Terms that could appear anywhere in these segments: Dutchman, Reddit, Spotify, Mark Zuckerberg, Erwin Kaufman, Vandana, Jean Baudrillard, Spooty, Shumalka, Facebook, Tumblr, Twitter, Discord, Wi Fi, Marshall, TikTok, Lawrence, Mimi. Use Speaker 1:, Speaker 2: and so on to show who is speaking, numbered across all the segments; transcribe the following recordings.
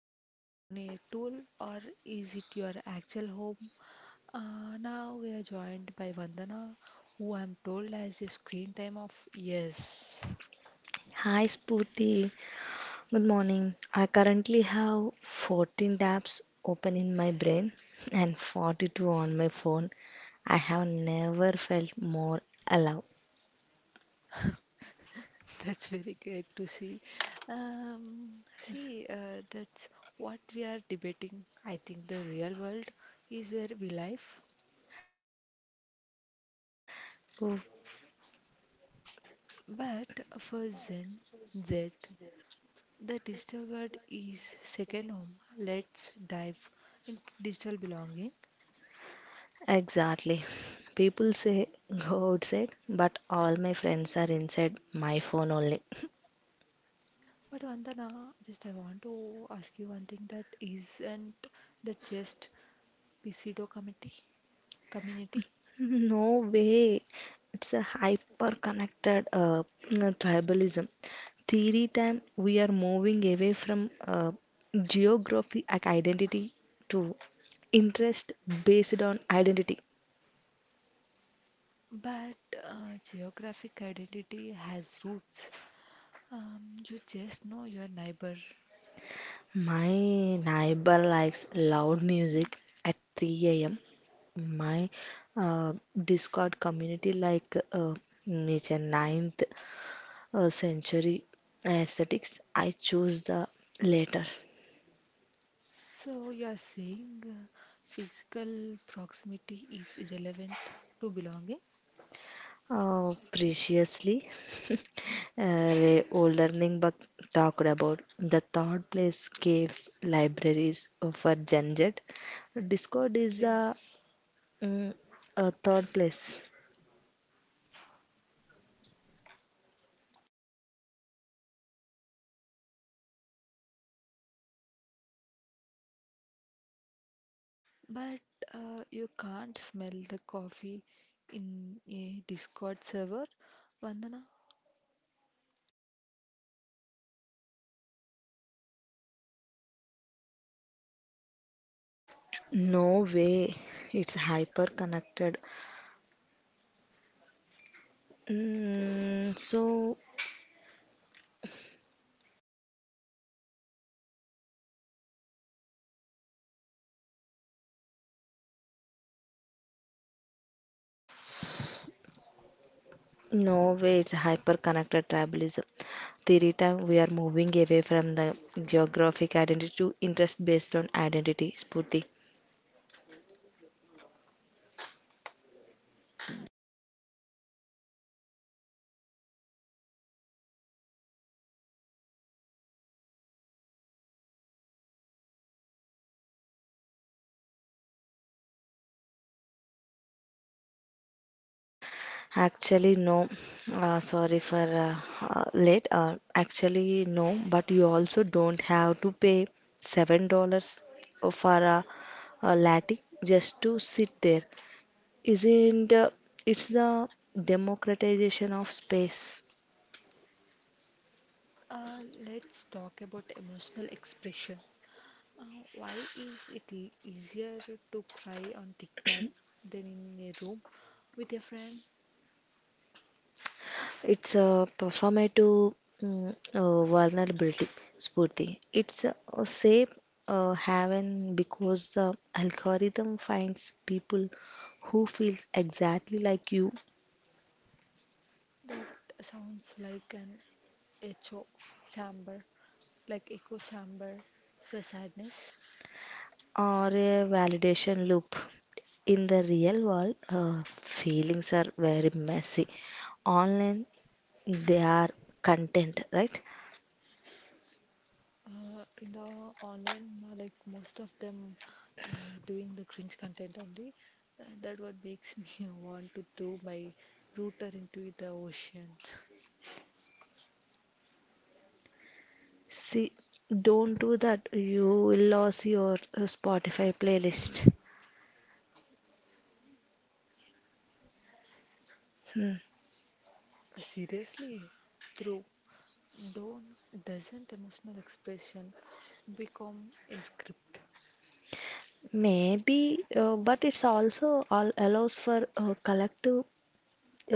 Speaker 1: is your phone a tool or is it your actual home? Now we are joined by Vandana, who I'm told has a screen time of yes.
Speaker 2: Hi Spooty, good morning. I currently have 14 tabs open in my brain and 42 on my phone. I have never felt more alive.
Speaker 1: That's very great to see. That's what we are debating. I think the real world is where we live,
Speaker 2: Oh,
Speaker 1: but for Zen, Z, the digital world is second home. Let's dive into digital belonging.
Speaker 2: exactly. People say go outside, but all my friends are inside my phone only.
Speaker 1: But Vandana, just I want to ask you one thing, that isn't the just pseudo committee community,
Speaker 2: No way. It's a hyper connected tribalism. Theory time we are moving away from geography like identity to interest based on identity.
Speaker 1: but geographic identity has roots. You just know your neighbor.
Speaker 2: My neighbor likes loud music at 3 a.m. My uh, Discord community like nature ninth century aesthetics. I choose the latter.
Speaker 1: So you are saying physical proximity is irrelevant to belonging?
Speaker 2: Oh, preciously. The old learning book talked about the third place caves libraries for Gen Z. Discord is mm, a third place.
Speaker 1: But you can't smell the coffee in a Discord server. Vandana,
Speaker 2: No way, it's hyper connected. So no way, it's hyper connected tribalism. Theory time we are moving away from the geographic identity to interest based on identity. Spurti. Actually, no. Sorry for late. Actually, no. But you also don't have to pay $7 for a latte just to sit there. Isn't It's the democratization of space?
Speaker 1: let's talk about emotional expression. Why is it easier to cry on TikTok than in a room with a friend?
Speaker 2: It's a performative vulnerability, Spurti. It's a safe haven because the algorithm finds people who feels exactly like you
Speaker 1: That sounds like an echo chamber, like echo chamber for sadness.
Speaker 2: or a validation loop. In the real world, feelings are very messy. Online, they are content, right?
Speaker 1: In the online, like most of them uh, doing the cringe content only. That what makes me want to throw my router into the ocean.
Speaker 2: See, don't do that. You will lose your Spotify playlist. Hmm.
Speaker 1: Seriously, throw. Don't doesn't emotional expression become a script?
Speaker 2: Maybe, but it's also all allows for collective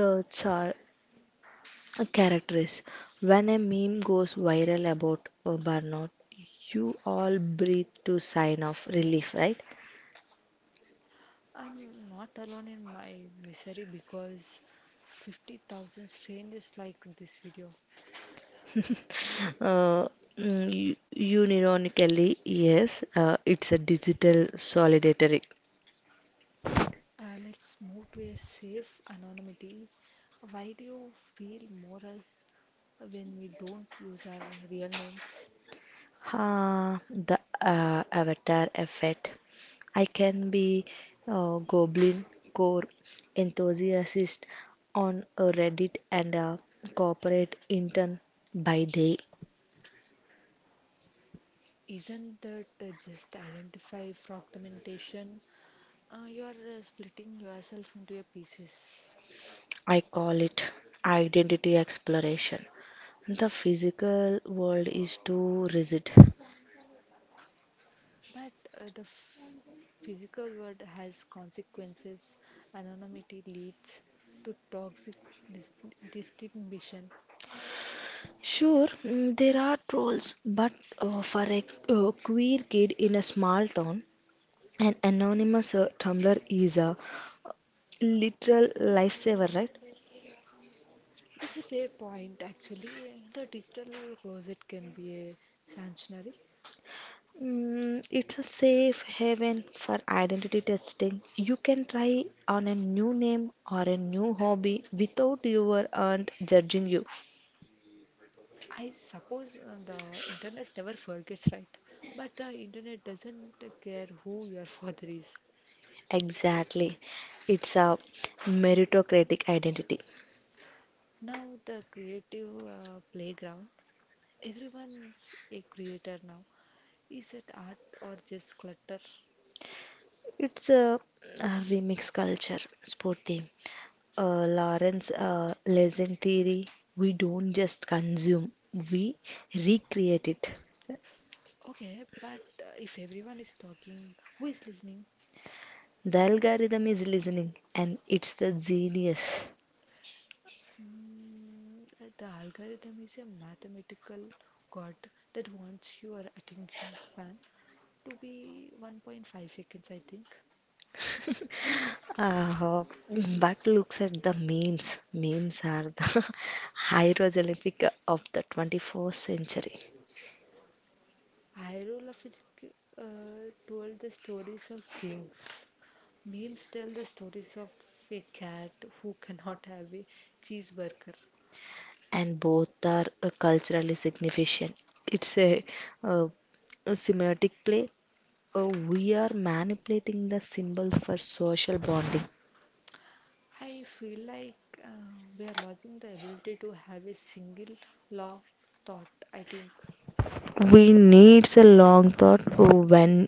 Speaker 2: uh, char- characters. When a meme goes viral about burnout, you all breathe to sign of relief, right?
Speaker 1: I'm not alone in my misery because 50,000 strangers liked this video.
Speaker 2: Uh, you, unironically, yes, it's a digital solidarity.
Speaker 1: Let's move to a safe anonymity. Why do you feel more us when we don't use our real names?
Speaker 2: The avatar effect. I can be a goblin core enthusiast on a Reddit and a corporate intern by day.
Speaker 1: Isn't that just identify fragmentation? You are splitting yourself into a pieces.
Speaker 2: I call it identity exploration. The physical world is too rigid.
Speaker 1: But the physical world has consequences. Anonymity leads to toxic dis- distinction.
Speaker 2: Sure, there are trolls, but for a queer kid in a small town, an anonymous Tumblr is a literal lifesaver, right?
Speaker 1: That's a fair point, actually. The digital closet can be a sanctuary.
Speaker 2: It's a safe haven for identity testing. You can try on a new name or a new hobby without your aunt judging you.
Speaker 1: I suppose the internet never forgets, right? But the internet doesn't care who your father is.
Speaker 2: Exactly. It's a meritocratic identity.
Speaker 1: Now, the creative playground, everyone's a creator now. Is it art or just clutter?
Speaker 2: It's a remix culture, sporty. Lawrence lesson theory, we don't just consume, we recreate it.
Speaker 1: Okay, but if everyone is talking, who is listening?
Speaker 2: The algorithm is listening and it's the genius.
Speaker 1: Mm, the algorithm is a mathematical god that wants your attention span to be 1.5 seconds, I think.
Speaker 2: uh, but looks at the memes. Memes are the hieroglyphic of the 21st century,
Speaker 1: Hieroglyphic told the stories of kings. Memes tell the stories of a cat who cannot have a cheeseburger.
Speaker 2: and both are culturally significant. It's uh, a semiotic play. We are manipulating the symbols for social bonding.
Speaker 1: I feel like uh, we are losing the ability to have a single long thought, I think.
Speaker 2: We needs a long thought when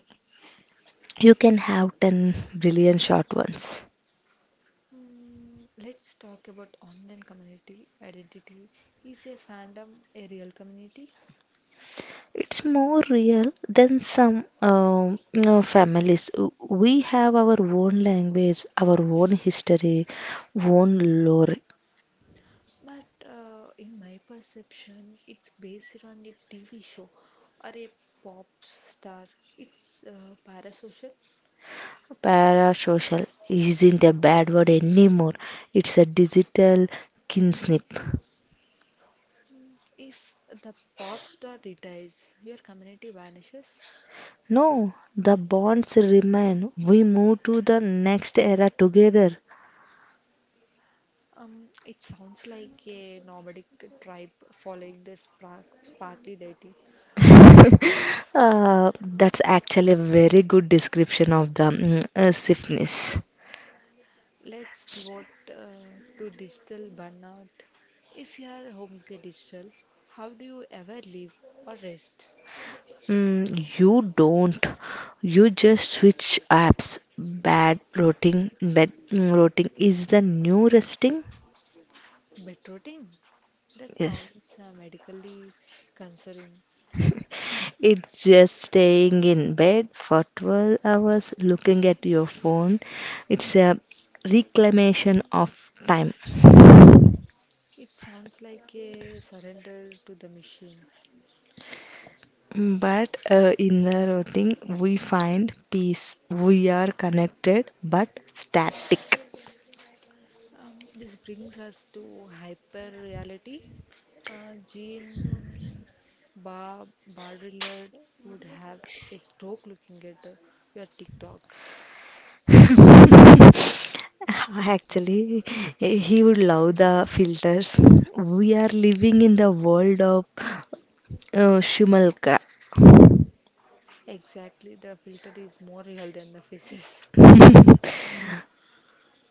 Speaker 2: you can have 10 billion short ones.
Speaker 1: Mm, let's talk about online community identity. Is a fandom a real community?
Speaker 2: It's more real than some families. We have our own language, our own history, own lore.
Speaker 1: But in my perception, it's based on a TV show or a pop star. It's parasocial.
Speaker 2: Parasocial isn't a bad word anymore. It's a digital kinship.
Speaker 1: Mm, if the pop star retires, your community vanishes.
Speaker 2: No, the bonds remain. We move to the next era together.
Speaker 1: It sounds like a nomadic tribe following the sparkly deity.
Speaker 2: That's actually a very good description of the stiffness.
Speaker 1: Let's pivot to digital burnout. If you are homestay digital, how do you ever live or rest?
Speaker 2: Mm, you don't. You just switch apps. Bad routing, bad, routing is the new resting.
Speaker 1: Bedrotting? That
Speaker 2: Yes.
Speaker 1: sounds medically concerning.
Speaker 2: It's just staying in bed for 12 hours looking at your phone. It's a reclamation of time.
Speaker 1: It sounds like a surrender to the machine.
Speaker 2: But in the routing, we find peace. We are connected but static.
Speaker 1: This brings us to hyper reality. Jean Baudrillard would have a stroke looking at your TikTok.
Speaker 2: Actually, he would love the filters. We are living in the world of Shumalka.
Speaker 1: Exactly, the filter is more real than the faces.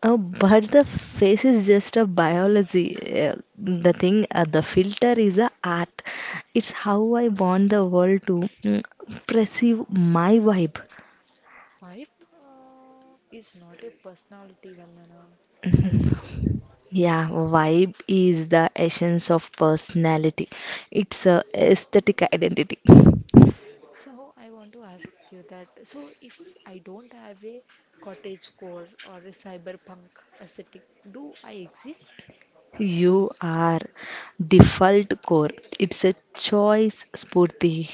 Speaker 2: Oh, but the face is just a biology. The filter is a art. It's how I want the world to perceive my vibe.
Speaker 1: Wipe is not a personality, Vandana, I think.
Speaker 2: Yeah, vibe is the essence of personality. It's a aesthetic identity.
Speaker 1: So I want to ask you that. So if I don't have a cottage core or a cyberpunk aesthetic, do I exist?
Speaker 2: You are default core. It's a choice, Spurti.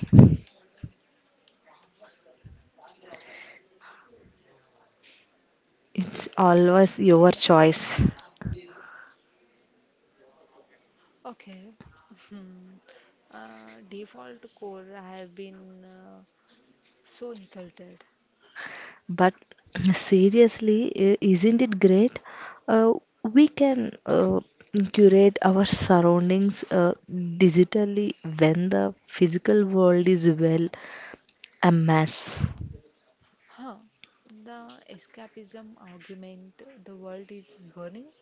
Speaker 2: It's always your choice.
Speaker 1: Okay. Hmm. Default core, I have been so insulted.
Speaker 2: But seriously, isn't it great? Uh, we can curate our surroundings digitally when the physical world is, well, a mess.
Speaker 1: Huh. The escapism argument, the world is burning.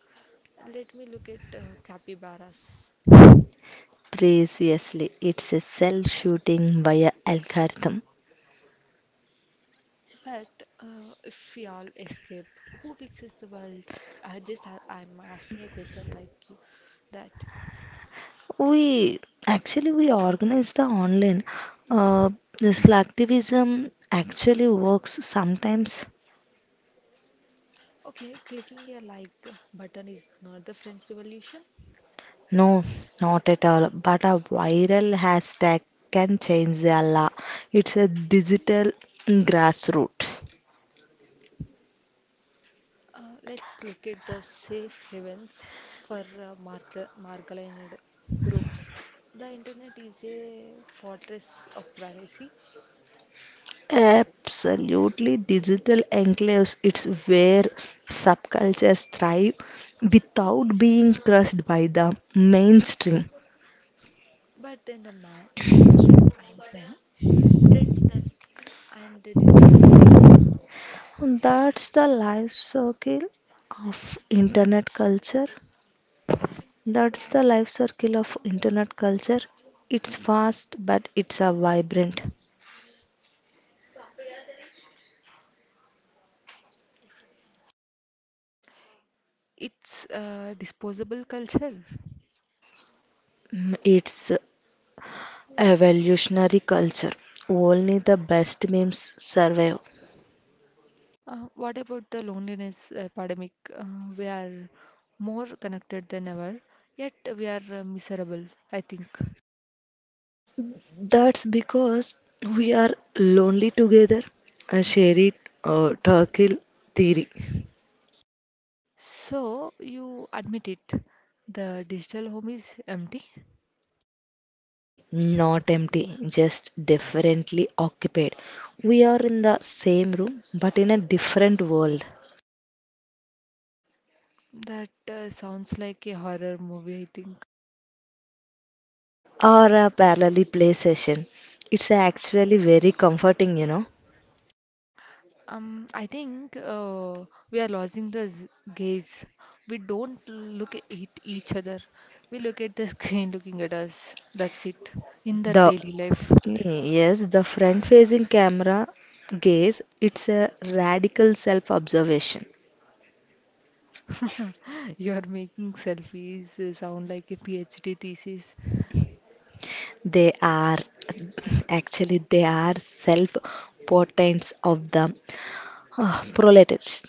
Speaker 1: Let me look at capybaras.
Speaker 2: Preciously, it's a self-shooting via algorithm.
Speaker 1: But if we all escape, who fixes the world? I'm asking a question like you, that.
Speaker 2: We actually we organize the online. Uh, this selectivism actually works sometimes.
Speaker 1: Okay, clicking a like button is not the French Revolution.
Speaker 2: No, not at all. But a viral hashtag can change the law. It's a digital grassroots.
Speaker 1: Let's look at the safe havens for marginalized groups. The internet is a fortress of privacy,
Speaker 2: Absolutely, digital enclaves, it's where subcultures thrive without being crushed by the mainstream.
Speaker 1: but then the mainstream finds them, trends them, and discards them.
Speaker 2: That's the life circle of internet culture. That's the life circle of internet culture. It's fast, but it's a vibrant.
Speaker 1: It's a disposable culture.
Speaker 2: Mm. It's evolutionary culture. Only the best memes survive.
Speaker 1: What about the loneliness epidemic? We are more connected than ever, yet we are miserable, I think.
Speaker 2: That's because we are lonely together. A shared turkey theory.
Speaker 1: So, you admit it, the digital home is empty?
Speaker 2: Mm, not empty, just differently occupied. We are in the same room but in a different world.
Speaker 1: That sounds like a horror movie, I think.
Speaker 2: Or a parallel play session. It's actually very comforting.
Speaker 1: I think we are losing the gaze. We don't look at it- Each other. We look at the screen looking at us. That's it in the
Speaker 2: The
Speaker 1: daily life.
Speaker 2: yes, the front facing camera gaze, it's a radical self observation.
Speaker 1: You are making selfies sound like a PhD thesis.
Speaker 2: They are actually they are self portents of the proletariats.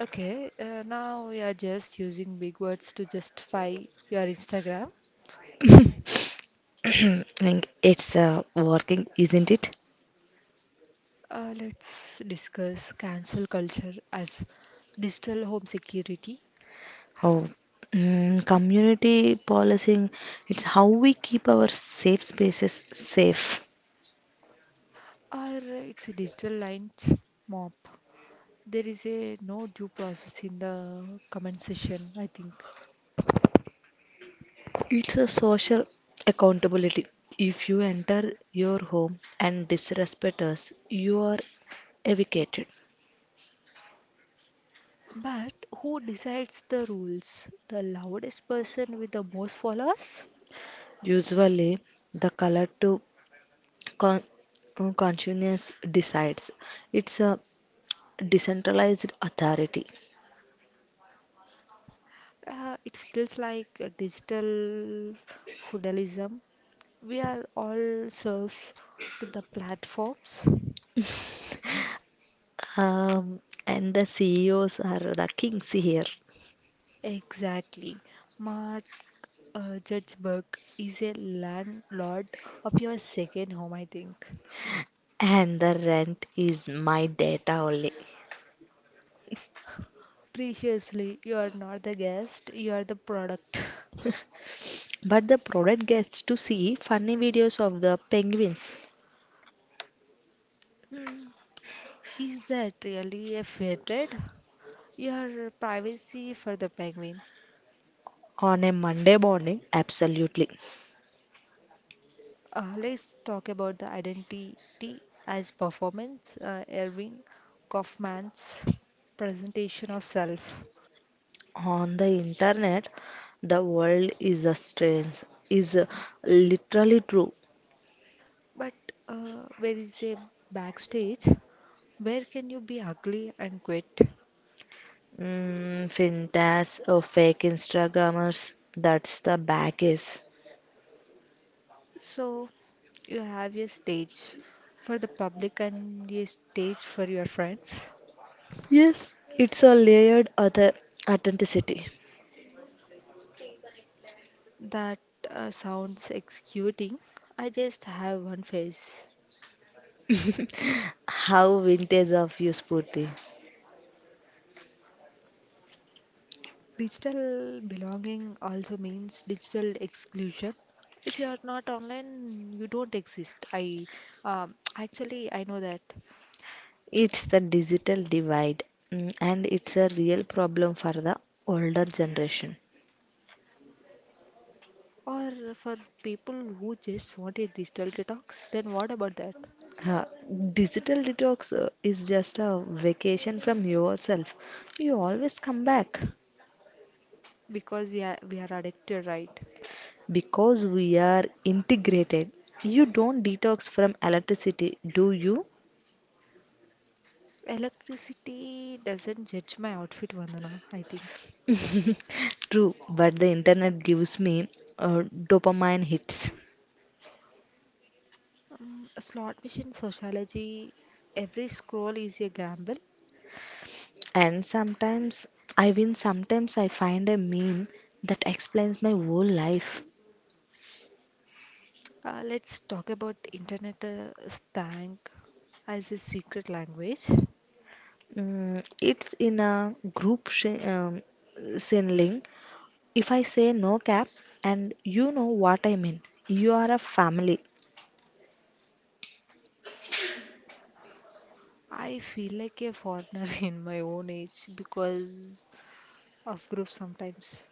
Speaker 1: Okay, now we are just using big words to justify your Instagram.
Speaker 2: Like, it's working, isn't it?
Speaker 1: Let's discuss cancel culture as digital home security,
Speaker 2: Oh, community policing. It's how we keep our safe spaces safe.
Speaker 1: or it's a digital lines mop. There is a no due process in the comment section, I think.
Speaker 2: It's a social accountability. If you enter your home and disrespect us, you are evicted.
Speaker 1: But who decides the rules? The loudest person with the most followers?
Speaker 2: Usually, the color to Con- consciousness decides. It's a decentralized authority.
Speaker 1: It feels like a digital feudalism. We are all serfs to the platforms.
Speaker 2: Um, and the CEOs are the kings here.
Speaker 1: Exactly. Mark Zuckerberg is a landlord of your second home, I think.
Speaker 2: And the rent is my data only.
Speaker 1: Preciously, you are not the guest, you are the product.
Speaker 2: But the product gets to see funny videos of the penguins
Speaker 1: Hmm, is that really a fair trade? Your privacy for the penguin.
Speaker 2: on a Monday morning. Absolutely.
Speaker 1: Let's talk about the identity as performance. Erwin Kaufman's presentation of self.
Speaker 2: On the internet, the world is a strange, is literally true.
Speaker 1: But where is a backstage? Where can you be ugly and quit?
Speaker 2: Fintas or fake Instagrammers, that's the baggage.
Speaker 1: So you have a stage for the public and a stage for your friends.
Speaker 2: Yes, it's a layered other authenticity.
Speaker 1: That sounds executing. I just have one face.
Speaker 2: How vintage of you, Spurti?
Speaker 1: Digital belonging also means digital exclusion. If you are not online, you don't exist. I actually I know that.
Speaker 2: It's the digital divide, and it's a real problem for the older generation.
Speaker 1: Or for people who just want a digital detox, then what about that?
Speaker 2: Uh, digital detox is just a vacation from yourself. You always come back.
Speaker 1: Because we are addicted, right?
Speaker 2: Because we are integrated, you don't detox from electricity, do you?
Speaker 1: Electricity doesn't judge my outfit, Vandana, I think.
Speaker 2: True, but the internet gives me dopamine hits.
Speaker 1: Slot machine sociology, every scroll is a gamble.
Speaker 2: And sometimes I win, sometimes I find a meme that explains my whole life.
Speaker 1: Let's talk about internet slang as a secret language.
Speaker 2: It's in a group sin link. If I say no cap, and you know what I mean, you are a family.
Speaker 1: I feel like a foreigner in my own age because of group sometimes.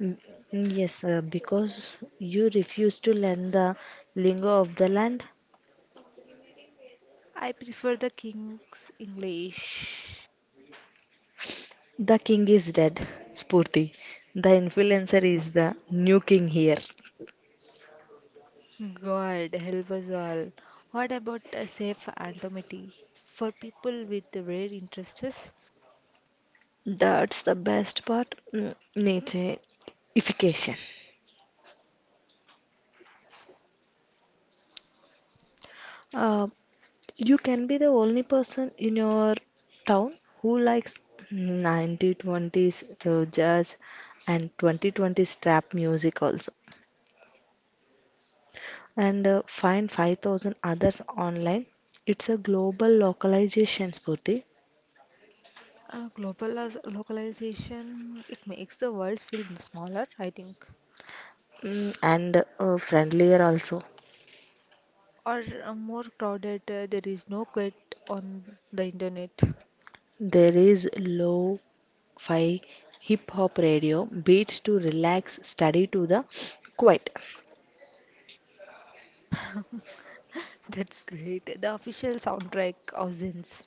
Speaker 2: Mm, Yes, because you refuse to learn the lingo of the land,
Speaker 1: I prefer the King's English.
Speaker 2: the king is dead, Spurti. The influencer is the new king here.
Speaker 1: God help us all. What about a safe anonymity for people with rare interests?
Speaker 2: That's the best part. Mm. Nicheification. Uh, you can be the only person in your town who likes 1920s jazz and 2020s trap music also. And find 5,000 others online. It's a global localization, Spurti.
Speaker 1: Global localization, it makes the world feel smaller, I think.
Speaker 2: Mm, and friendlier also.
Speaker 1: Or more crowded, there is no quit on the internet.
Speaker 2: There is low fi hip hop radio beats to relax, study to the quiet.
Speaker 1: That's great. The official soundtrack of Zins.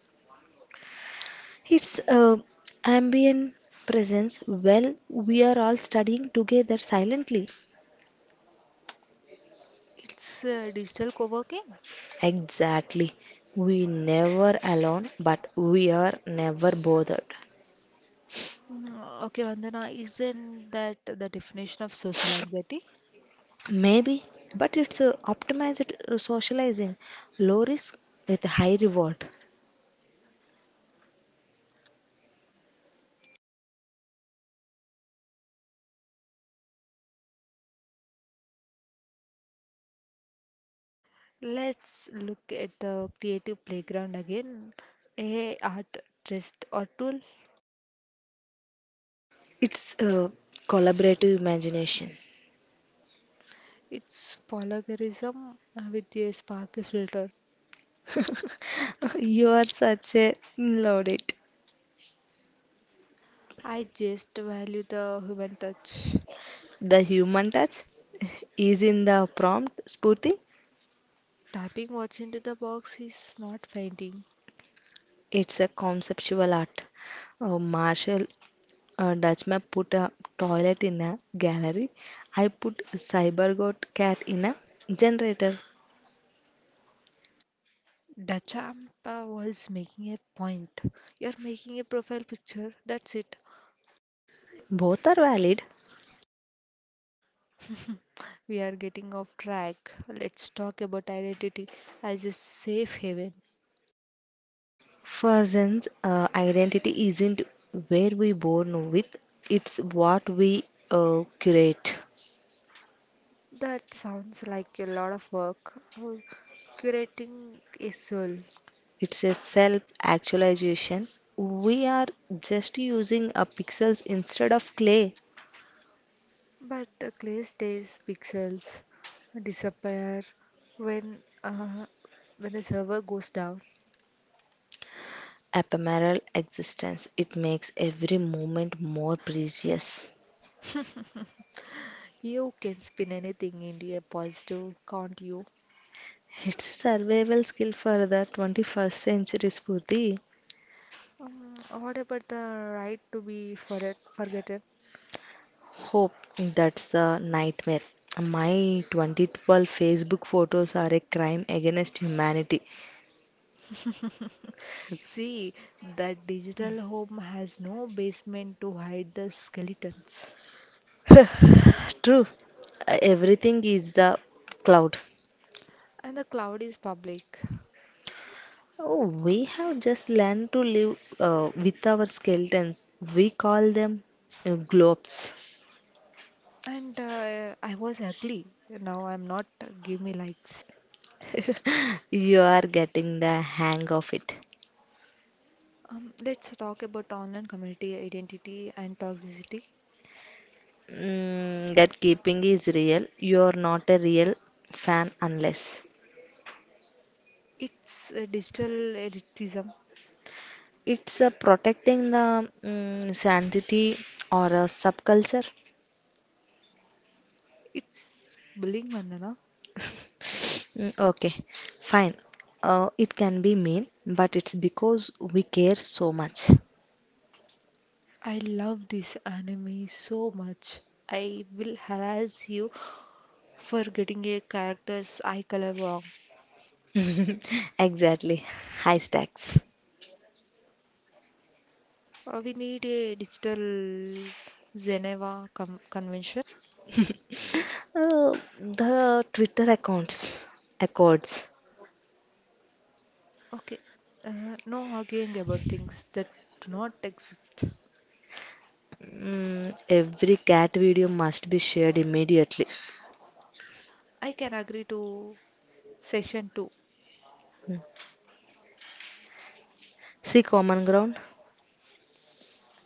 Speaker 2: It's ambient presence. Well, we are all studying together silently.
Speaker 1: It's digital co working.
Speaker 2: Exactly. We never alone, but we are never bothered.
Speaker 1: Mm, okay, Vandana, isn't that the definition of social anxiety?
Speaker 2: Maybe, but it's optimized socializing, low risk with high reward.
Speaker 1: Let's look at the creative playground again. A art, test, or tool.
Speaker 2: It's collaborative imagination.
Speaker 1: It's polygarism with a sparkly filter.
Speaker 2: You are such a load it.
Speaker 1: I just value the human touch.
Speaker 2: The human touch is in the prompt, Spurti.
Speaker 1: Tapping what's into the box is not fainting.
Speaker 2: It's a conceptual art. Marshall Dutchman put a toilet in a gallery. I put a cybergoat cat in a generator.
Speaker 1: Dachampa was making a point. You're making a profile picture. That's it.
Speaker 2: Both are valid.
Speaker 1: We are getting off track. Let's talk about identity as a safe haven.
Speaker 2: Person's identity isn't where we born with, it's what we curate.
Speaker 1: That sounds like a lot of work. Oh, curating a soul.
Speaker 2: It's a self actualization. We are just using a pixels instead of clay.
Speaker 1: But Clay's days pixels disappear when when the server goes down.
Speaker 2: Ephemeral existence. It makes every moment more precious.
Speaker 1: You can spin anything into a positive, can't you?
Speaker 2: It's a survival skill for the 21st century, Spurti.
Speaker 1: What about the right to be forget forgotten?
Speaker 2: Hope that's a nightmare. My 2012 Facebook photos are a crime against humanity.
Speaker 1: See, the digital home has no basement to hide the skeletons.
Speaker 2: True, everything is the cloud.
Speaker 1: And the cloud is public.
Speaker 2: Oh, we have just learned to live with our skeletons. We call them globes.
Speaker 1: And I was ugly. Now I'm not. Give me likes.
Speaker 2: You are getting the hang of it.
Speaker 1: Let's talk about online community identity and toxicity.
Speaker 2: That keeping is real. You are not a real fan unless
Speaker 1: It's digital elitism.
Speaker 2: it's protecting the sanity or a subculture.
Speaker 1: It's bullying, Vandana.
Speaker 2: Okay, fine. It can be mean, but it's because we care so much.
Speaker 1: I love this anime so much. I will harass you for getting a character's eye color wrong.
Speaker 2: Exactly. High stacks.
Speaker 1: We need a digital Geneva Convention.
Speaker 2: Uh, the Twitter accounts, accords.
Speaker 1: Okay, no arguing about things that do not exist.
Speaker 2: Every cat video must be shared immediately.
Speaker 1: I can agree to session 2.
Speaker 2: Mm. See common ground?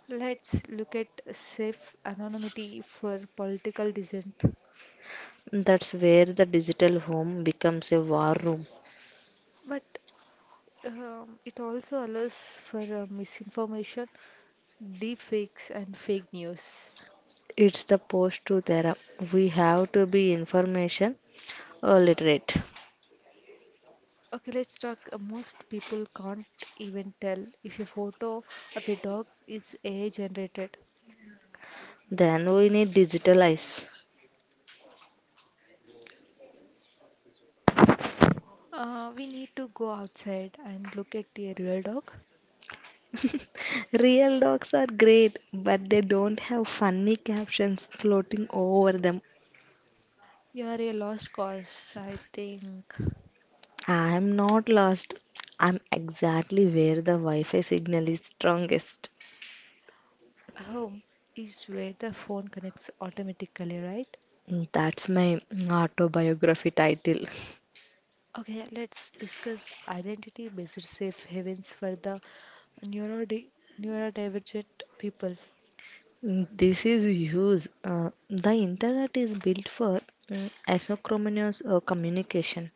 Speaker 1: Let's look at safe anonymity for political dissent.
Speaker 2: That's where the digital home becomes a war room.
Speaker 1: But it also allows for misinformation, deepfakes, and fake news.
Speaker 2: It's the post to there. We have to be information literate.
Speaker 1: Okay, let's talk. Uh, most people can't even tell if a photo of a dog is AI generated.
Speaker 2: Then we need digital eyes.
Speaker 1: We need to go outside and look at a real dog.
Speaker 2: Real dogs are great, but they don't have funny captions floating over them.
Speaker 1: You are a lost cause, I think.
Speaker 2: I'm not lost. I'm exactly where the Wi Fi signal is strongest.
Speaker 1: Home is where the phone connects automatically, right?
Speaker 2: Mm, that's my autobiography title.
Speaker 1: Okay, let's discuss identity-based safe havens for the neurodi neurodivergent people.
Speaker 2: Mm, this is huge. The internet is built for asynchronous communication.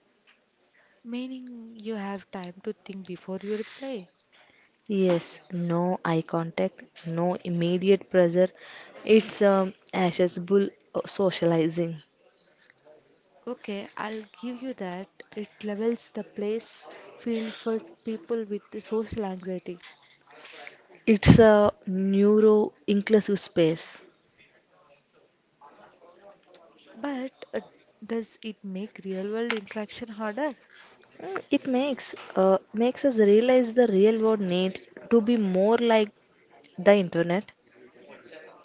Speaker 1: Meaning you have time to think before you reply.
Speaker 2: Yes, no eye contact, no immediate pressure. It's accessible socializing.
Speaker 1: Okay, I'll give you that. It levels the place field for people with the social anxiety.
Speaker 2: It's a neuro-inclusive space.
Speaker 1: But does it make real world interaction harder?
Speaker 2: It makes us realize the real world needs to be more like the internet.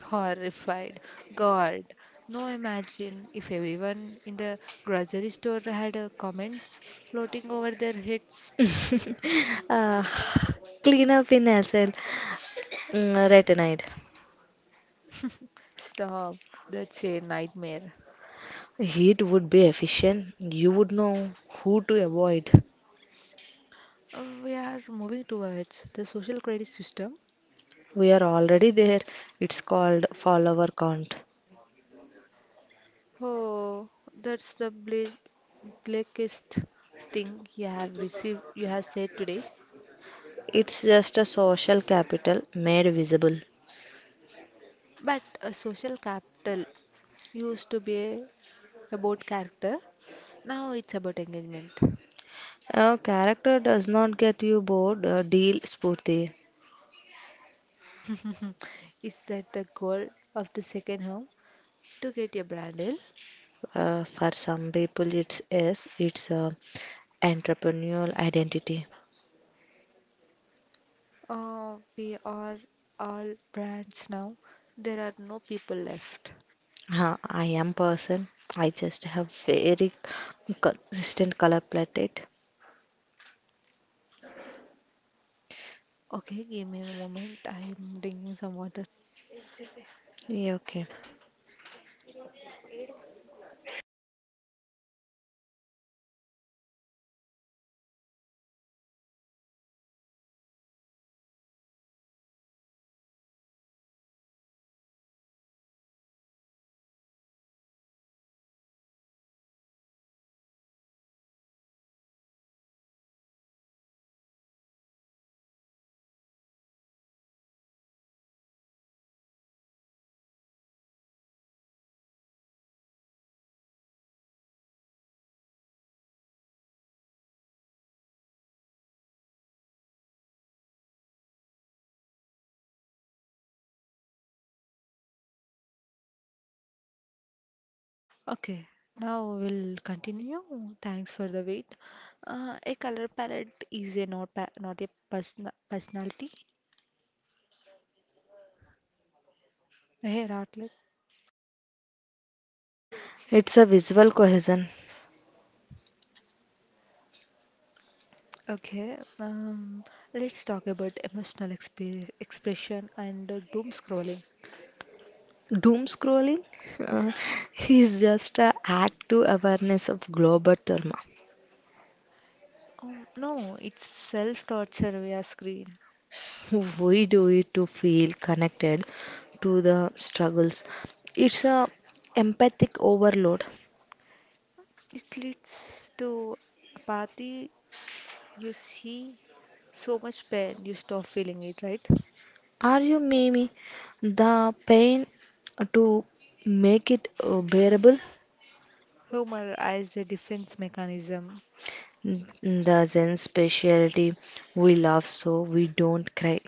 Speaker 1: Horrified. God. No, imagine if everyone in the grocery store had comments floating over their heads.
Speaker 2: uh, clean up in SL, retinide.
Speaker 1: Stop. That's a nightmare.
Speaker 2: It would be efficient. You would know who to avoid.
Speaker 1: We are moving towards the social credit system.
Speaker 2: We are already there. It's called follower count.
Speaker 1: Oh, that's the blackest thing you have said today.
Speaker 2: It's just a social capital made visible.
Speaker 1: But social capital used to be about character. Now it's about engagement.
Speaker 2: A character does not get you bored, deal Spurti.
Speaker 1: Is that the goal of the second home? To get your brand deal?
Speaker 2: For some people, it's yes, it's entrepreneurial identity.
Speaker 1: Oh, we are all brands now. There are no people left.
Speaker 2: I am person. I just have very consistent color palette.
Speaker 1: Okay, give me a moment. I'm drinking some water.
Speaker 2: Yeah, okay.
Speaker 1: Okay, now we'll continue. Thanks for the wait. A color palette is a not a personality, a hair outlet.
Speaker 2: It's a visual cohesion.
Speaker 1: Okay, let's talk about emotional expe expression and doom scrolling.
Speaker 2: Doom scrolling uh, is just a act to awareness of global trauma.
Speaker 1: No, it's self-torture via screen.
Speaker 2: We do it to feel connected to the struggles. It's a empathic overload.
Speaker 1: It leads to apathy. You see so much pain, you stop feeling it, right?
Speaker 2: Are you Mimi? The pain to make it bearable?
Speaker 1: Humor as a defense mechanism.
Speaker 2: Mm. The Zen specialty. We laugh so we don't cry.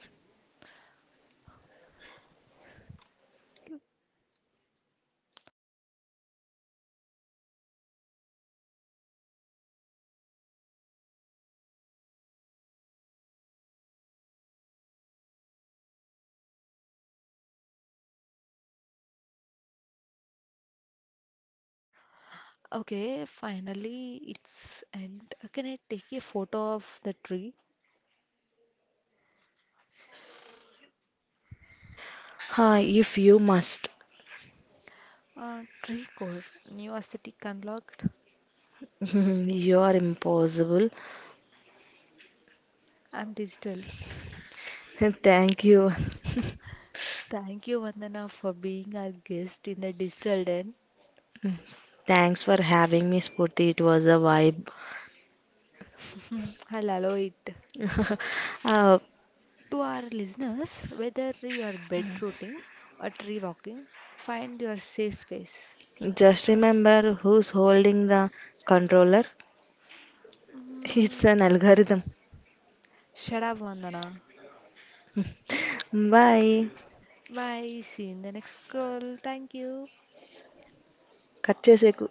Speaker 1: Okay, finally it's and can I take a photo of the tree?
Speaker 2: Hi, if you must.
Speaker 1: Tree core, new aesthetic unlocked.
Speaker 2: You are impossible.
Speaker 1: I'm digital.
Speaker 2: Thank you.
Speaker 1: Thank you, Vandana, for being our guest in the digital den.
Speaker 2: Thanks for having me, Spurti. It was a vibe.
Speaker 1: I'll allow it.
Speaker 2: uh,
Speaker 1: To our listeners, whether you are bed rooting or tree walking, find your safe space.
Speaker 2: just remember who's holding the controller. It's
Speaker 1: Mm,
Speaker 2: an algorithm.
Speaker 1: shut up, Vandana.
Speaker 2: Bye
Speaker 1: Bye. See you in the next call. Thank you.
Speaker 2: Cut చేసేకు